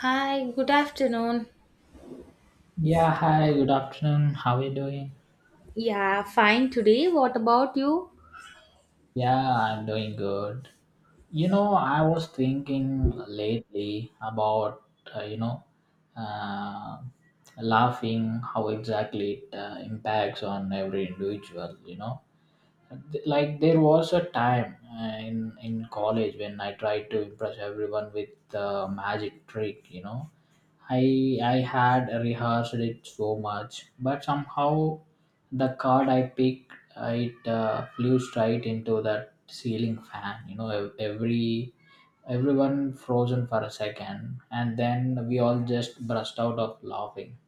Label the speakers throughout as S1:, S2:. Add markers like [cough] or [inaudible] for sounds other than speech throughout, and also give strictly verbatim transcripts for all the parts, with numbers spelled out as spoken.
S1: Hi, good afternoon.
S2: Yeah, hi, good afternoon. How are you doing?
S1: Yeah, fine today. What about you?
S2: Yeah, I'm doing good. You know, I was thinking lately about, uh, you know, uh, laughing, how exactly it uh, impacts on every individual, you know. Th- like there was a time uh, in in college when I tried to impress everyone with the magic trick. You know, I I had rehearsed it so much, but somehow the card I picked uh, it uh, flew straight into that ceiling fan. You know, ev- every everyone frozen for a second, and then we all just burst out of laughing.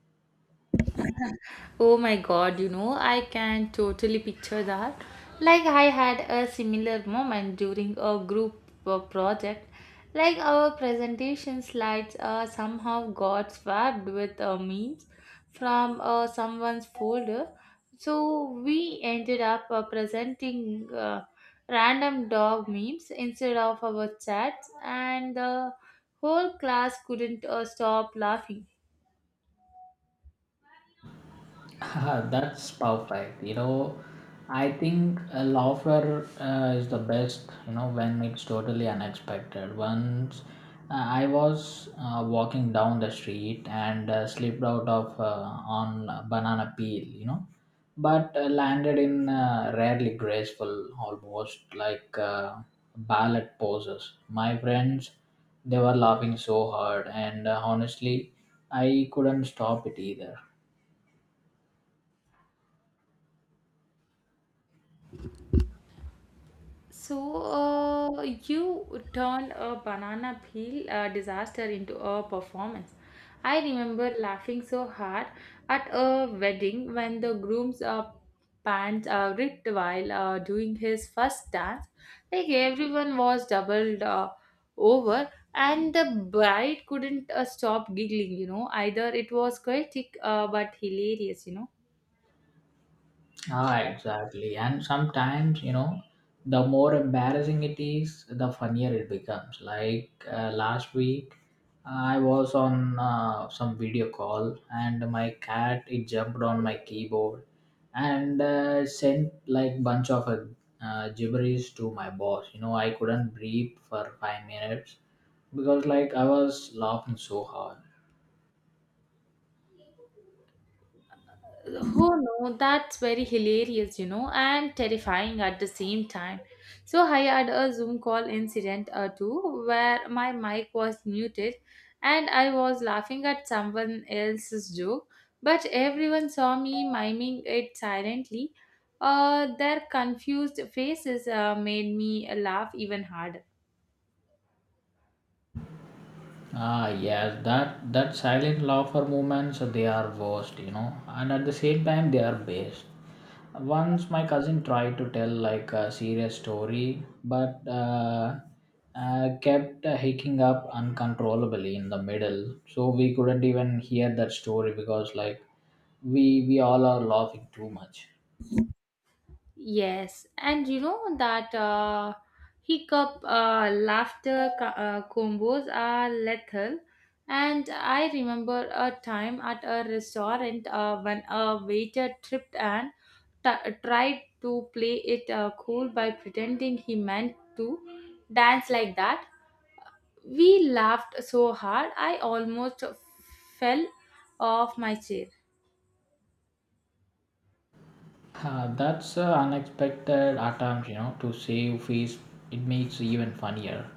S1: Oh my god, you know, I can totally picture that. Like, I had a similar moment during a group uh, project. Like, our presentation slides uh, somehow got swapped with uh, memes from uh, someone's folder. So, we ended up uh, presenting uh, random dog memes instead of our chats, and the whole class couldn't uh, stop laughing.
S2: Ah, that's perfect. You know, I think a laughter uh, is the best, you know, when it's totally unexpected. Once uh, I was uh, walking down the street and uh, slipped out of uh, on a banana peel, you know, but uh, landed in uh, rarely graceful, almost like uh, ballet poses. My friends, they were laughing so hard, and uh, honestly, I couldn't stop it either.
S1: So, uh, you turned a banana peel uh, disaster into a performance. I remember laughing so hard at a wedding when the groom's uh, pants uh, ripped while uh, doing his first dance. Like everyone was doubled uh, over, and the bride couldn't uh, stop giggling, you know. Either it was chaotic uh, but hilarious, you know.
S2: Ah, exactly. And sometimes, you know, the more embarrassing it is, the funnier it becomes. Like uh, last week, I was on uh, some video call and my cat it jumped on my keyboard and uh, sent like bunch of uh, uh, gibberish to my boss. You know, I couldn't breathe for five minutes because like I was laughing so hard.
S1: Oh no, that's very hilarious, you know, and terrifying at the same time. So I had a Zoom call incident or two where my mic was muted and I was laughing at someone else's joke, but everyone saw me miming it silently. Uh, their confused faces uh, made me laugh even harder.
S2: Ah, yes, that that silent laughter moments they are worst, you know, and at the same time they are best. Once my cousin tried to tell like a serious story, but uh, uh, kept uh, hicking up uncontrollably in the middle, so we couldn't even hear that story because like we we all are laughing too much.
S1: Yes, and you know that uh, hiccup uh, laughter co- uh, combos are lethal. And I remember a time at a restaurant uh, when a waiter tripped and t- tried to play it uh, cool by pretending he meant to dance like that. We laughed so hard, I almost fell off my chair.
S2: Uh, that's an unexpected attempt, you know, to save face. It makes even funnier.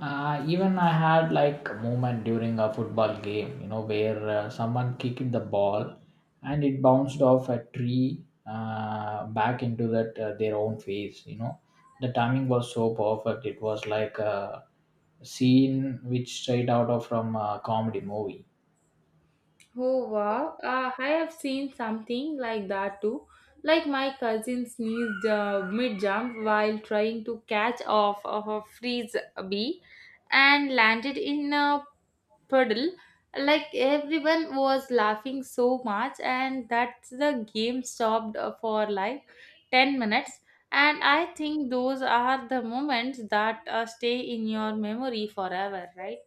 S2: Uh, even I had like a moment during a football game, you know, where uh, someone kicked the ball and it bounced off a tree uh, back into that uh, their own face. You know, the timing was so perfect. It was like a scene which straight out of from a comedy movie.
S1: Oh wow, uh, I have seen something like that too. Like my cousin sneezed uh, mid jump while trying to catch off of a freeze bee and landed in a puddle. Like everyone was laughing so much, and that's the game stopped uh, for like ten minutes. And I think those are the moments that uh, stay in your memory forever, right?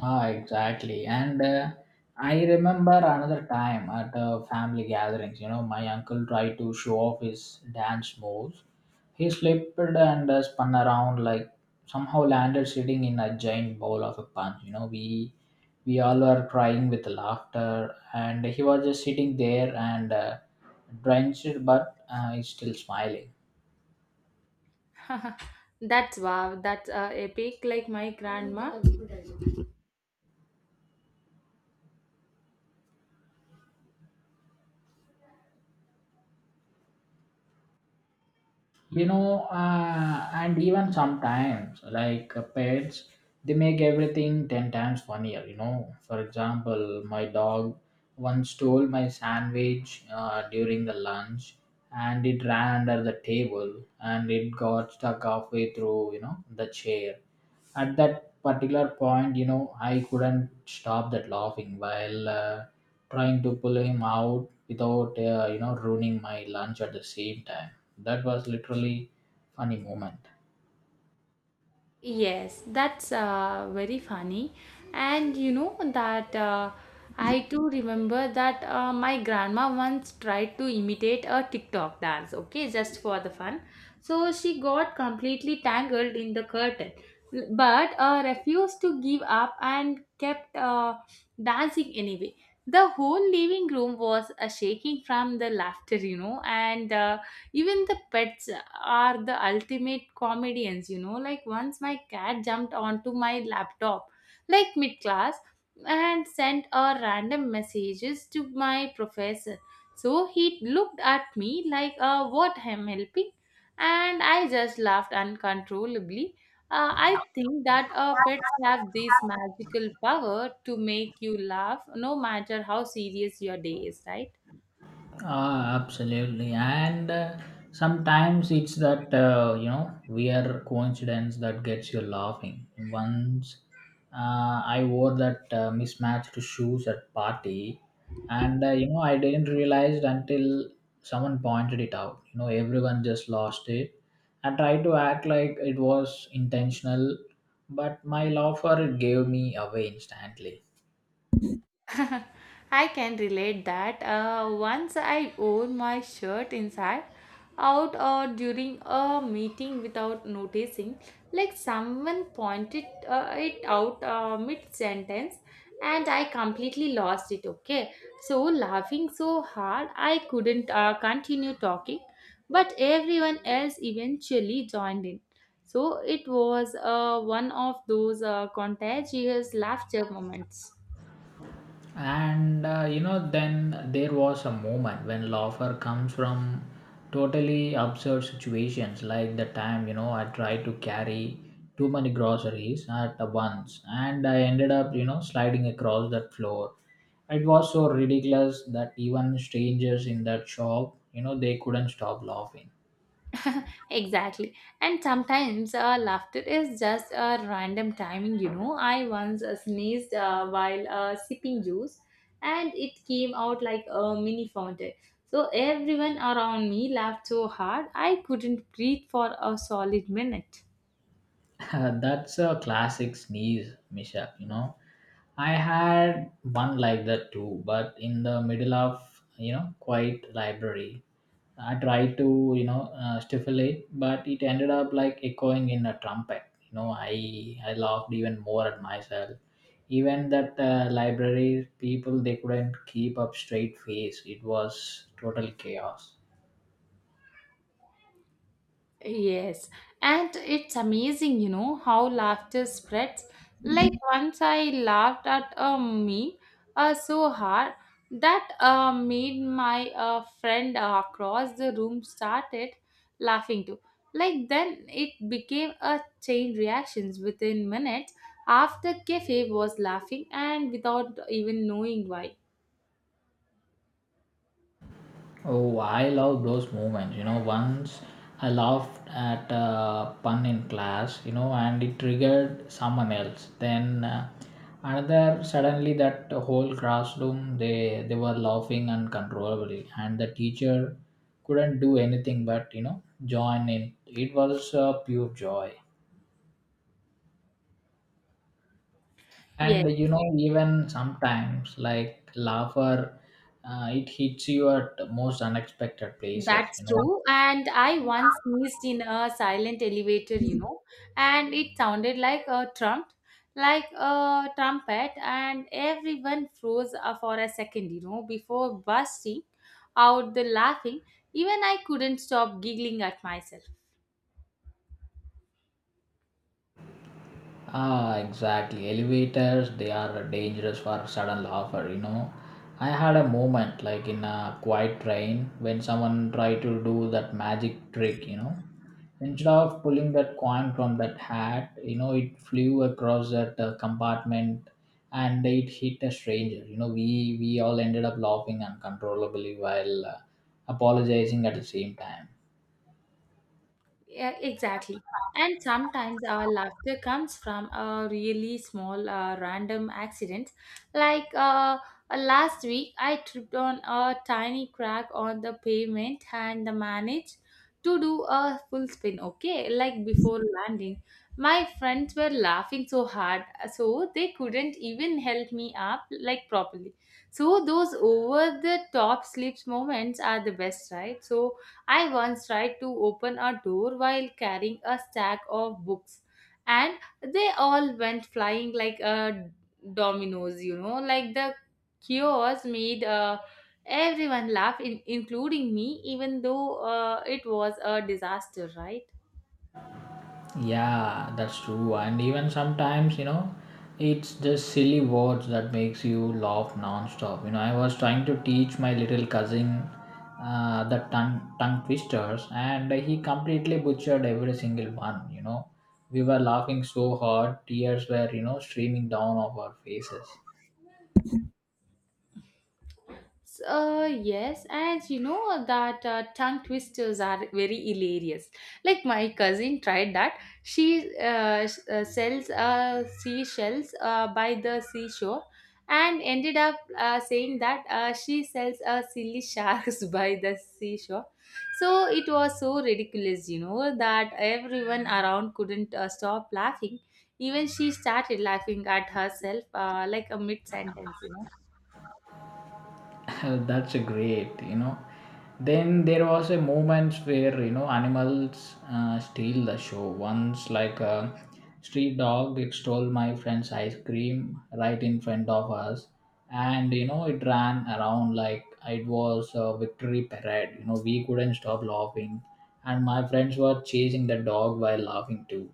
S2: Ah, exactly. And uh, I remember another time at a family gatherings, you know, my uncle tried to show off his dance moves. He slipped and uh, spun around like somehow landed sitting in a giant bowl of a punch. You know, we we all were crying with laughter, and he was just sitting there and uh, drenched, but uh, he's still smiling.
S1: [laughs] That's wow. That's uh, epic. Like my grandma.
S2: You know, uh, and even sometimes like uh, pets, they make everything ten times funnier, you know. For example, my dog once stole my sandwich uh, during the lunch, and it ran under the table and it got stuck halfway through, you know, the chair. At that particular point, you know, I couldn't stop that laughing while uh, trying to pull him out without uh, you know, ruining my lunch at the same time. That was literally funny moment.
S1: Yes, that's uh, very funny. And you know that uh, I too remember that uh, my grandma once tried to imitate a TikTok dance, okay, just for the fun. So she got completely tangled in the curtain, but uh, refused to give up and kept uh, dancing anyway. The whole living room was uh, shaking from the laughter, you know, and uh, even the pets are the ultimate comedians, you know, like once my cat jumped onto my laptop like mid class and sent a random messages to my professor, so he looked at me like uh, what I'm helping, and I just laughed uncontrollably. uh, I think that uh, pets have this magical power to make you laugh no matter how serious your day is, right?
S2: Ah, absolutely. And uh, sometimes it's that, uh, you know, weird coincidence that gets you laughing. Once uh, I wore that uh, mismatched shoes at party, and, uh, you know, I didn't realize until someone pointed it out. You know, everyone just lost it. I tried to act like it was intentional, but my laugh for it gave me away instantly.
S1: [laughs] I can relate that. Uh, once I wore my shirt inside, out, or during a meeting without noticing, like someone pointed uh, it out uh, mid sentence, and I completely lost it. Okay, so laughing so hard, I couldn't uh, continue talking, but everyone else eventually joined in. So it was uh, one of those uh, contagious laughter moments.
S2: And uh, you know, then there was a moment when laughter comes from totally absurd situations, like the time, you know, I tried to carry too many groceries at once, and I ended up, you know, sliding across that floor. It was so ridiculous that even strangers in that shop, you know, they couldn't stop laughing.
S1: [laughs] Exactly. And sometimes uh, laughter is just a random timing, you know. I once uh, sneezed uh, while uh, sipping juice and it came out like a mini fountain. So everyone around me laughed so hard I couldn't breathe for a solid minute.
S2: [laughs] That's a classic sneeze mishap, you know. I had one like that too, but in the middle of, you know, quiet library. I tried to, you know, uh, stifle it, but it ended up like echoing in a trumpet. You know, I I laughed even more at myself. Even that uh, library people, they couldn't keep up straight face. It was total chaos.
S1: Yes, and it's amazing, you know, how laughter spreads. Like once I laughed at a meme uh, so hard that uh, made my uh, friend uh, across the room started laughing too. Like then it became a chain reactions within minutes after Cafe was laughing and without even knowing why.
S2: Oh, I love those moments. You know, once I laughed at a pun in class, you know, and it triggered someone else. Then uh, another, suddenly that whole classroom, they, they were laughing uncontrollably, and the teacher couldn't do anything but, you know, join in. It was uh, pure joy.
S1: Yes.
S2: And, you know, even sometimes, like, laughter, uh, it hits you at the most unexpected places,
S1: That's
S2: you know.
S1: true. And I once sneezed in a silent elevator, you know, and it sounded like a trump, like a trumpet, and everyone froze uh, for a second, you know, before bursting out the laughing. Even I couldn't stop giggling at myself.
S2: Ah, exactly. Elevators, they are dangerous for sudden laughter, you know. I had a moment like in a quiet train when someone tried to do that magic trick, you know. Instead of pulling that coin from that hat, you know, it flew across that uh, compartment and it hit a stranger. You know, we we all ended up laughing uncontrollably while uh, apologizing at the same time.
S1: Yeah, exactly. And sometimes our laughter comes from a really small uh, random accident. Like uh, uh, Last week, I tripped on a tiny crack on the pavement and managed to do a full spin, okay? Like before landing. My friends were laughing so hard, so they couldn't even help me up like properly. So those over the top slips moments are the best, right? So I once tried to open a door while carrying a stack of books, and they all went flying like a dominoes, you know, like the chaos made uh, everyone laugh, in- including me, even though uh, it was a disaster, right?
S2: Yeah, that's true. And even sometimes, you know, it's just silly words that makes you laugh nonstop. You know, I was trying to teach my little cousin uh, the tongue tongue twisters, and he completely butchered every single one. You know, we were laughing so hard, tears were, you know, streaming down of our faces.
S1: Uh, yes, and you know that uh, tongue twisters are very hilarious. Like my cousin tried that. She uh, s- uh, sells uh, seashells uh, by the seashore and ended up uh, saying that uh, she sells uh, silly sharks [laughs] by the seashore. So it was so ridiculous, you know, that everyone around couldn't uh, stop laughing. Even she started laughing at herself, uh, like a mid sentence, you know.
S2: [laughs] That's a great, you know. Then there was a moments where, you know, animals uh, steal the show. Once, like a street dog, it stole my friend's ice cream right in front of us, and you know it ran around like it was a victory parade. You know, we couldn't stop laughing, and my friends were chasing the dog while laughing too.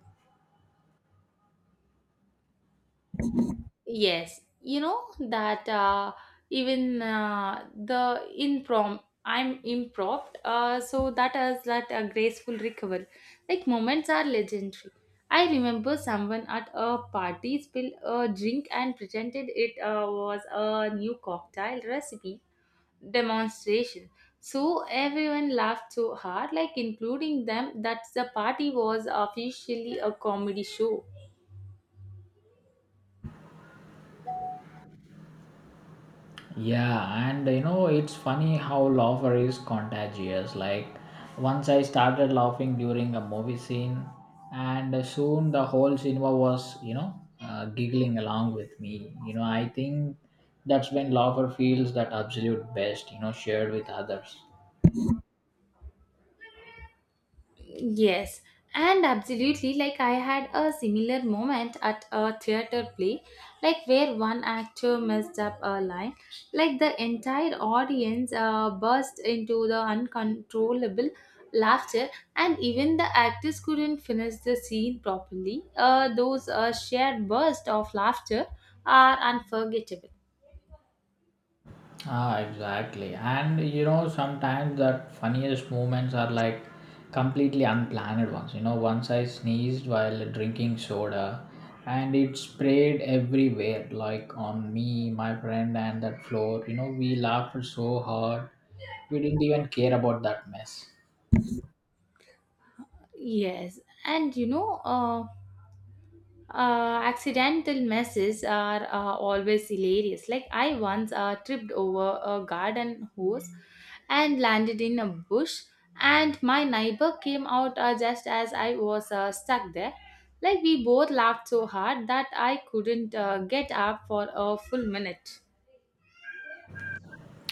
S1: Yes, you know that uh, even uh, the improm I'm improv, uh, so that is that a graceful recovery. Like moments are legendary. I remember someone at a party spilled a drink and pretended it uh, was a new cocktail recipe demonstration. So everyone laughed so hard, like including them, that the party was officially a comedy show.
S2: Yeah, and you know, it's funny how laughter is contagious. Like, once I started laughing during a movie scene, and soon the whole cinema was, you know, uh, giggling along with me. You know, I think that's when laughter feels that absolute best, you know, shared with others.
S1: Yes, and absolutely. Like, I had a similar moment at a theater play, like, where one actor messed up a line. Like, the entire audience uh, burst into the uncontrollable laughter, and even the actors couldn't finish the scene properly. Uh, those uh, shared bursts of laughter are unforgettable.
S2: Ah, exactly. And you know, sometimes the funniest moments are like completely unplanned ones. You know, once I sneezed while drinking soda and it sprayed everywhere, like on me, my friend, and that floor. You know, we laughed so hard, we didn't even care about that mess.
S1: Yes, and you know, uh, uh, accidental messes are uh, always hilarious. Like I once uh, tripped over a garden hose and landed in a bush, and my neighbor came out uh, just as I was uh, stuck there. Like we both laughed so hard that I couldn't uh, get up for a full minute.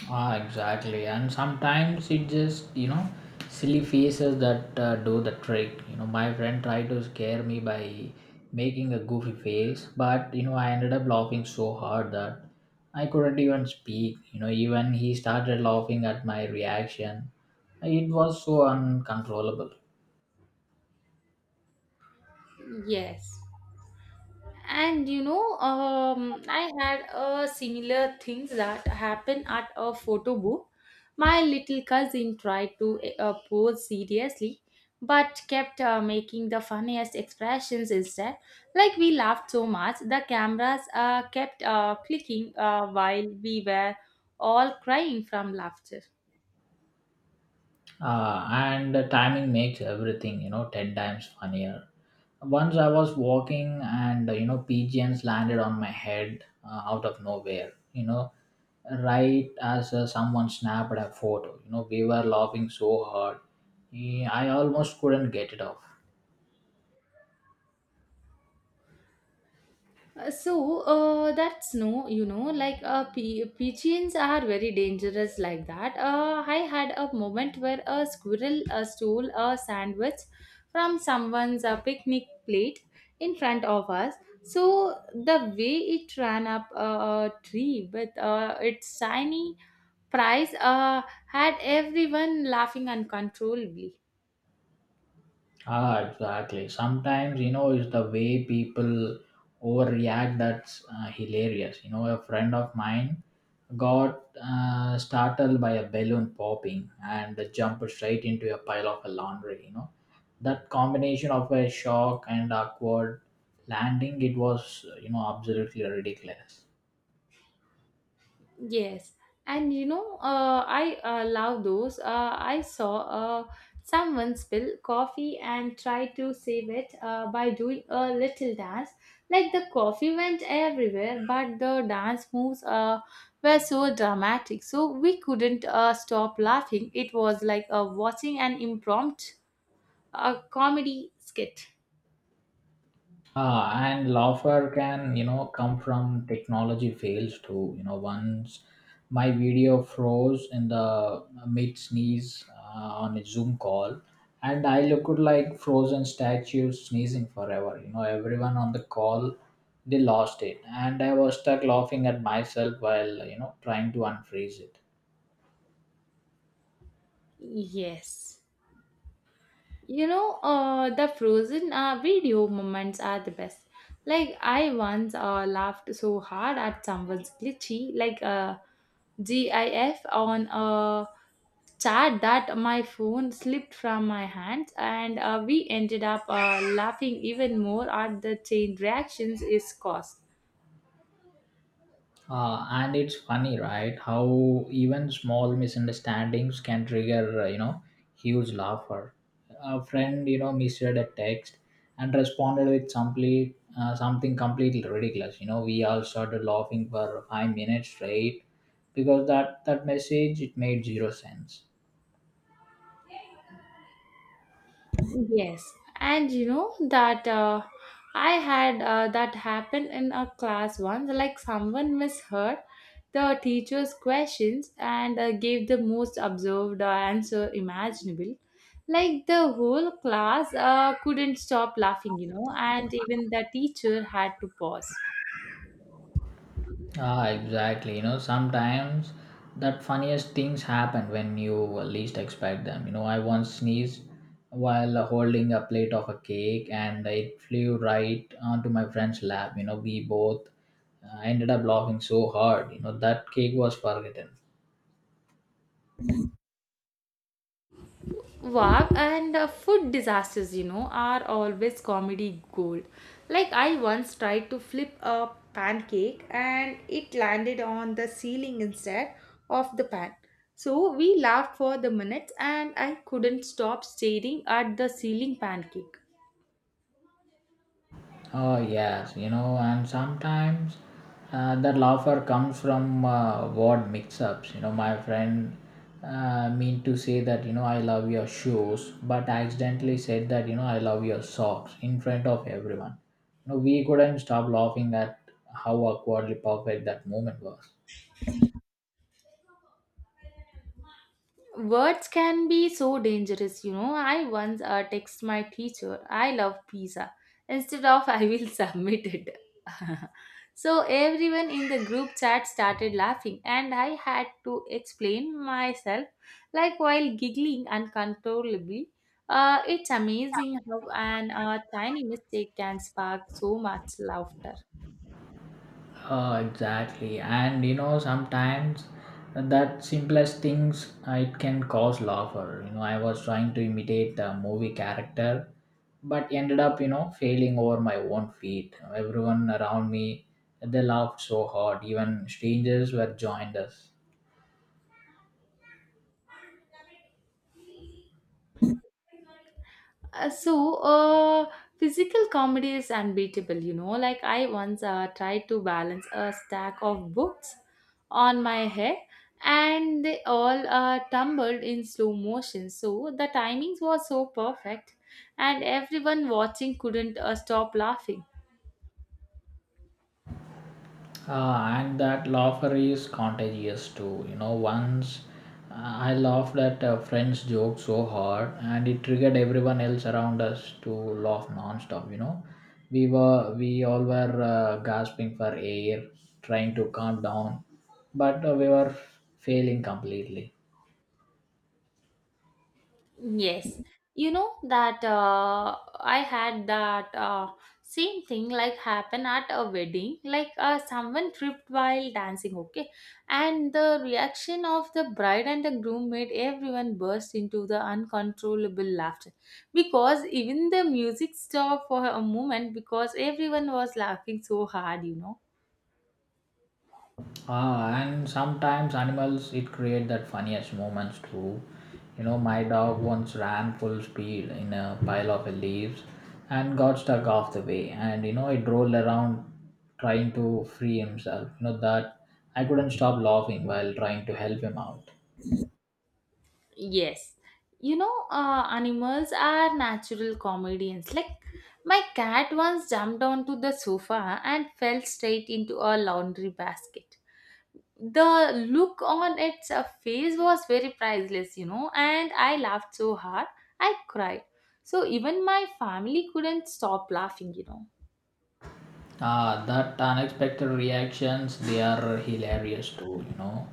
S2: Ah, exactly. And sometimes it just, you know, silly faces that uh, do the trick. You know, my friend tried to scare me by making a goofy face, but, you know, I ended up laughing so hard that I couldn't even speak. You know, even he started laughing at my reaction. It was so uncontrollable.
S1: Yes. And you know, um, I had a similar things that happen at a photo booth. My little cousin tried to uh, pose seriously but kept uh, making the funniest expressions instead. Like we laughed so much, the cameras uh, kept uh, clicking uh, while we were all crying from laughter.
S2: Uh, and the timing makes everything, you know, ten times funnier. Once I was walking and uh, you know, pigeons landed on my head uh, out of nowhere, you know, right as uh, someone snapped a photo. You know, we were laughing so hard. Eh, I almost couldn't get it off.
S1: Uh, so uh, that's no, you know, like uh, p- pigeons are very dangerous like that. uh, I had a moment where a squirrel uh, stole a sandwich from someone's uh, picnic plate in front of us. So the way it ran up a tree with uh, its shiny prize uh, had everyone laughing uncontrollably.
S2: Ah, exactly. Sometimes, you know, it's the way people overreact that's uh, hilarious. You know, a friend of mine got uh, startled by a balloon popping and jumped straight into a pile of laundry. You know, that combination of a shock and awkward landing, it was, you know, absolutely ridiculous.
S1: Yes, and you know, uh, I uh, love those. Uh, I saw uh, someone spill coffee and tried to save it uh, by doing a little dance. Like the coffee went everywhere, but the dance moves uh, were so dramatic, so we couldn't uh, stop laughing. It was like uh, watching an impromptu uh, comedy skit.
S2: Ah, and laughter can, you know, come from technology fails too. You know, once my video froze in the mid sneeze uh, on a Zoom call, and I looked like frozen statue sneezing forever. You know, everyone on the call, they lost it, and I was stuck laughing at myself while, you know, trying to unfreeze it.
S1: Yes. You know, uh, the frozen uh, video moments are the best. Like I once uh, laughed so hard at someone's glitchy, like uh, GIF on a chat that my phone slipped from my hands, and uh, we ended up uh, laughing even more at the chain reactions is caused.
S2: Uh, and it's funny, right? How even small misunderstandings can trigger, uh, you know, huge laughter. A friend, you know, misread a text and responded with simply uh, something completely ridiculous. You know, we all started laughing for five minutes straight because that that message it made zero sense.
S1: Yes, and you know that uh, I had uh, that happen in a class once. Like someone misheard the teacher's questions and uh, gave the most absurd uh, answer imaginable. Like the whole class uh, couldn't stop laughing, you know, and even the teacher had to pause.
S2: Ah, exactly. You know, sometimes that funniest things happen when you least expect them. You know, I once sneezed while holding a plate of a cake and it flew right onto my friend's lap. You know, we both uh, ended up laughing so hard. You know, that cake was forgotten.
S1: Wow, and uh, food disasters, you know, are always comedy gold. Like, I once tried to flip a pancake and it landed on the ceiling instead of the pan. So, we laughed for the minutes and I couldn't stop staring at the ceiling pancake.
S2: Oh yes, you know, and sometimes uh, that laughter comes from uh, word mix-ups. You know, my friend uh, mean to say that, you know, I love your shoes, but accidentally said that, you know, I love your socks in front of everyone. You know, we couldn't stop laughing at how awkwardly perfect that moment was.
S1: Words can be so dangerous, you know. I once uh, text my teacher, I love pizza, instead of I will [laughs] submit it. [laughs] So everyone in the group chat started laughing, and I had to explain myself, like while giggling uncontrollably. Uh, it's amazing how an uh, tiny mistake can spark so much laughter.
S2: Uh, exactly, and you know sometimes that simplest things uh, it can cause laughter. You know, I was trying to imitate a movie character, but ended up, you know, failing over my own feet. Everyone around me, they laughed so hard. Even strangers were joined us.
S1: Uh, so uh Physical comedy is unbeatable, you know. Like I once uh, tried to balance a stack of books on my head, and they all uh, tumbled in slow motion, so the timings was so perfect, and everyone watching couldn't uh, stop laughing.
S2: Uh, and that laughter is contagious too. You know, once uh, I laughed at a friend's joke so hard, and it triggered everyone else around us to laugh non-stop. You know, we were we all were uh, gasping for air, trying to calm down, but uh, we were failing completely.
S1: Yes, you know that uh, I had that uh, same thing like happen at a wedding. Like uh, someone tripped while dancing, okay, and the reaction of the bride and the groom made everyone burst into the uncontrollable laughter, because even the music stopped for a moment because everyone was laughing so hard, you know.
S2: Ah, and sometimes animals it create that funniest moments too. You know, my dog once ran full speed in a pile of leaves and got stuck off the way, and you know it rolled around trying to free himself. You know that I couldn't stop laughing while trying to help him out.
S1: Yes. You know, uh, animals are natural comedians. Like, my cat once jumped onto the sofa and fell straight into a laundry basket. The look on its uh, face was very priceless, you know, and I laughed so hard, I cried. So, even my family couldn't stop laughing, you know.
S2: Ah, that unexpected reactions, they are hilarious too, you know.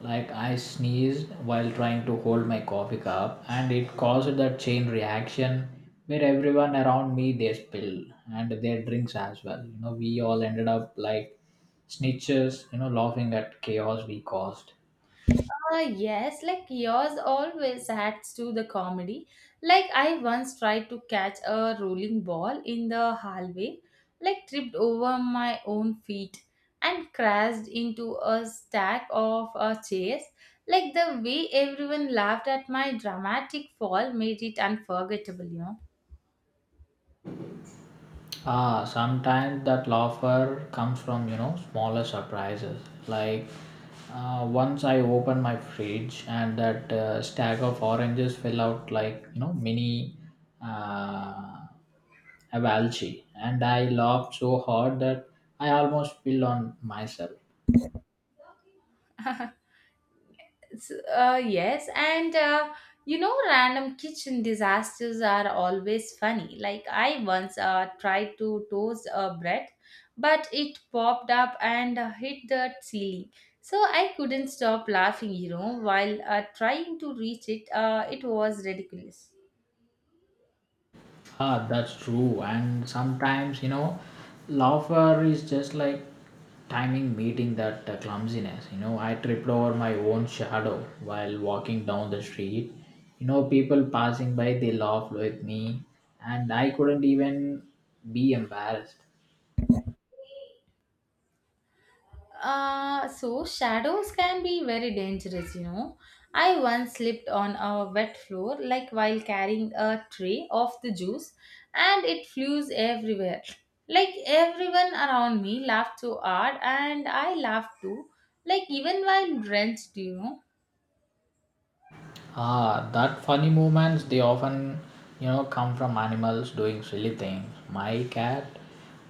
S2: Like I sneezed while trying to hold my coffee cup and it caused that chain reaction where everyone around me they spilled and their drinks as well. You know, we all ended up like snitches, you know, laughing at chaos we caused.
S1: Uh, yes, like yours always adds to the comedy. Like I once tried to catch a rolling ball in the hallway, like tripped over my own feet and crashed into a stack of uh, chairs. Like the way everyone laughed at my dramatic fall made it unforgettable, you know.
S2: Ah, sometimes that laughter comes from you know smaller surprises. Like uh, once I opened my fridge and that uh, stack of oranges fell out like you know mini uh, avalanche, and I laughed so hard that I almost spilled on myself.
S1: [laughs] S- Uh, yes, and uh, you know, random kitchen disasters are always funny. Like I once uh, tried to toast a bread, but it popped up and uh, hit the ceiling. So I couldn't stop laughing, you know, while uh, trying to reach it. Uh, it was ridiculous.
S2: Ah, that's true. And sometimes, you know, laughter is just like timing meeting that uh, clumsiness. You know, I tripped over my own shadow while walking down the street. You know, people passing by, they laughed with me, and I couldn't even be embarrassed.
S1: Uh, so shadows can be very dangerous, you know. I once slipped on a wet floor, like while carrying a tray of the juice, and it flew everywhere. Like everyone around me laughed so hard, and I laughed too. Like even while drenched, you know.
S2: Ah, that funny moments they often, you know, come from animals doing silly things. My cat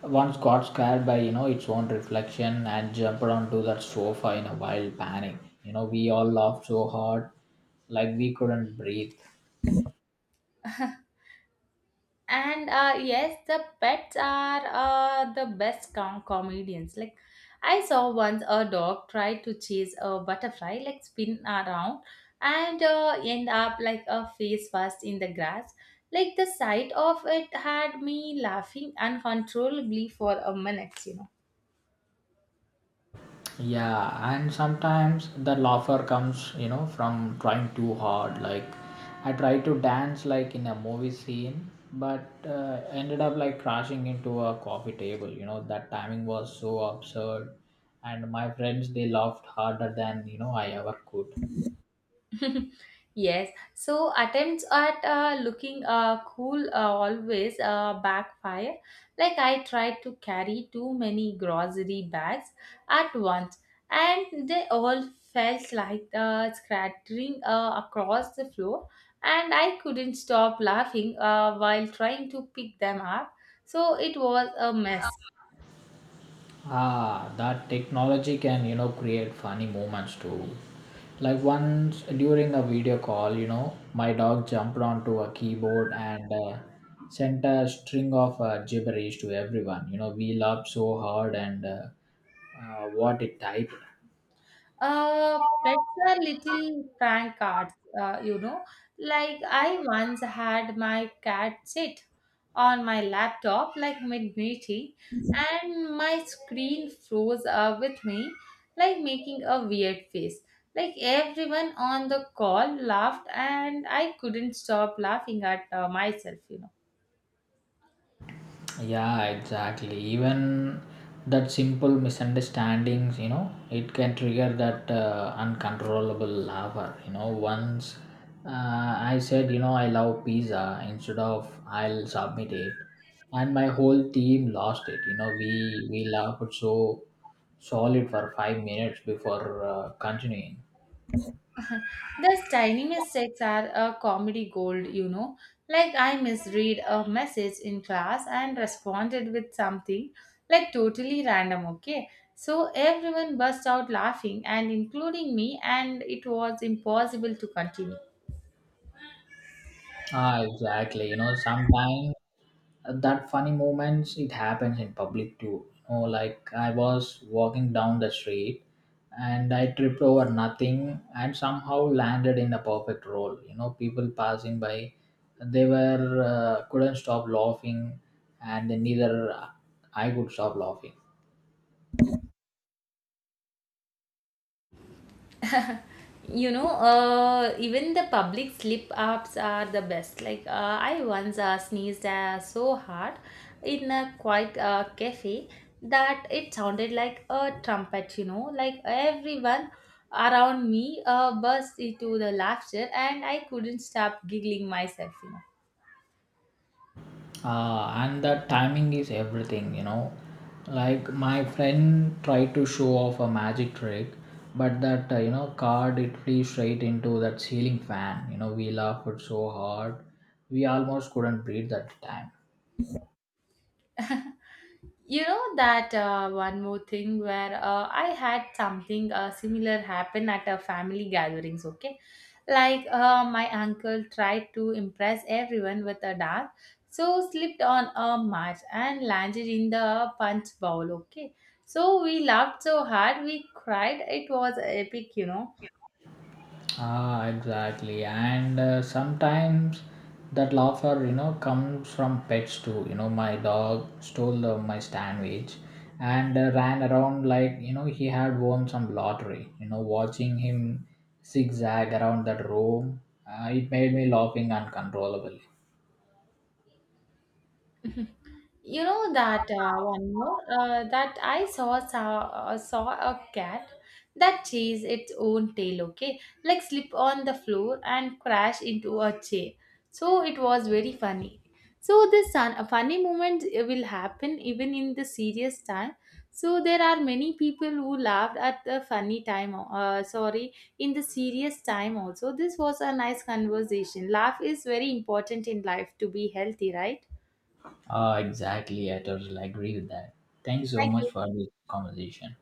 S2: once got scared by, you know, its own reflection and jumped onto that sofa in a wild panic. You know, we all laughed so hard like we couldn't breathe.
S1: And uh, yes, the pets are uh, the best com- comedians. Like I saw once a dog try to chase a butterfly, like spin around and uh, end up like a face first in the grass. Like the sight of it had me laughing uncontrollably for a minute, you know.
S2: Yeah, and sometimes the laughter comes, you know, from trying too hard. Like, I tried to dance like in a movie scene, but uh, ended up like crashing into a coffee table. You know, that timing was so absurd, and my friends they laughed harder than you know I ever could.
S1: [laughs] Yes, so attempts at uh, looking uh, cool uh, always uh, backfire. Like I tried to carry too many grocery bags at once, and they all felt like uh, scattering uh, across the floor, and I couldn't stop laughing uh, while trying to pick them up. So it was a mess.
S2: Ah, that technology can, you know, create funny moments too. Like once during a video call, you know, my dog jumped onto a keyboard and uh, sent a string of uh, gibberish to everyone. You know, we laughed so hard and uh, uh, what it typed.
S1: Uh, pets are little prank cards, uh, you know. Like I once had my cat sit on my laptop like mid-meeting, and my screen froze uh, with me like making a weird face. Like everyone on the call laughed and I couldn't stop laughing at uh, myself, you know.
S2: Yeah, exactly. Even that simple misunderstandings, you know, it can trigger that uh, uncontrollable lover. You know, once uh, I said, you know, I love pizza instead of I'll submit it, and my whole team lost it. You know, we we laughed so solid for five minutes before uh, continuing.
S1: [laughs] Those tiny mistakes are a comedy gold, you know. Like I misread a message in class and responded with something like totally random, okay? So everyone burst out laughing and including me and it was impossible to continue.
S2: Ah, exactly. You know, sometimes uh, that funny moments it happens in public too, you know, like I was walking down the street and I tripped over nothing and somehow landed in a perfect roll. You know, people passing by, they were uh, couldn't stop laughing, and neither I could stop laughing.
S1: [laughs] You know, uh, even the public slip ups are the best. Like uh, I once uh, sneezed uh, so hard in a quiet uh, cafe that it sounded like a trumpet, you know. Like everyone around me uh, burst into the laughter and I couldn't stop giggling myself, you know.
S2: Uh, and that timing is everything, you know, like my friend tried to show off a magic trick, but that uh, you know card it flew straight into that ceiling fan. You know, we laughed so hard we almost couldn't breathe that time.
S1: [laughs] You know that uh, one more thing where uh, I had something uh, similar happen at a family gatherings, okay. Like uh, my uncle tried to impress everyone with a dance, so slipped on a mat and landed in the punch bowl, okay. So we laughed so hard we cried. It was epic, you know.
S2: Ah, exactly. And uh, sometimes that laughter, you know, comes from pets too. You know, my dog stole the, my sandwich and uh, ran around like, you know, he had won some lottery. You know, watching him zigzag around that room, uh, it made me laughing uncontrollably.
S1: You know that uh, one more uh, that I saw saw, uh, saw a cat that chased its own tail. Okay, like slip on the floor and crash into a chair. So it was very funny. So this sun, a funny moment uh, will happen even in the serious time. So there are many people who laughed at the funny time. Uh, sorry, in the serious time also. This was a nice conversation. Laugh is very important in life to be healthy, right?
S2: Ah, exactly. I totally agree with that. Thanks so
S1: Thank
S2: much
S1: you.
S2: for this conversation.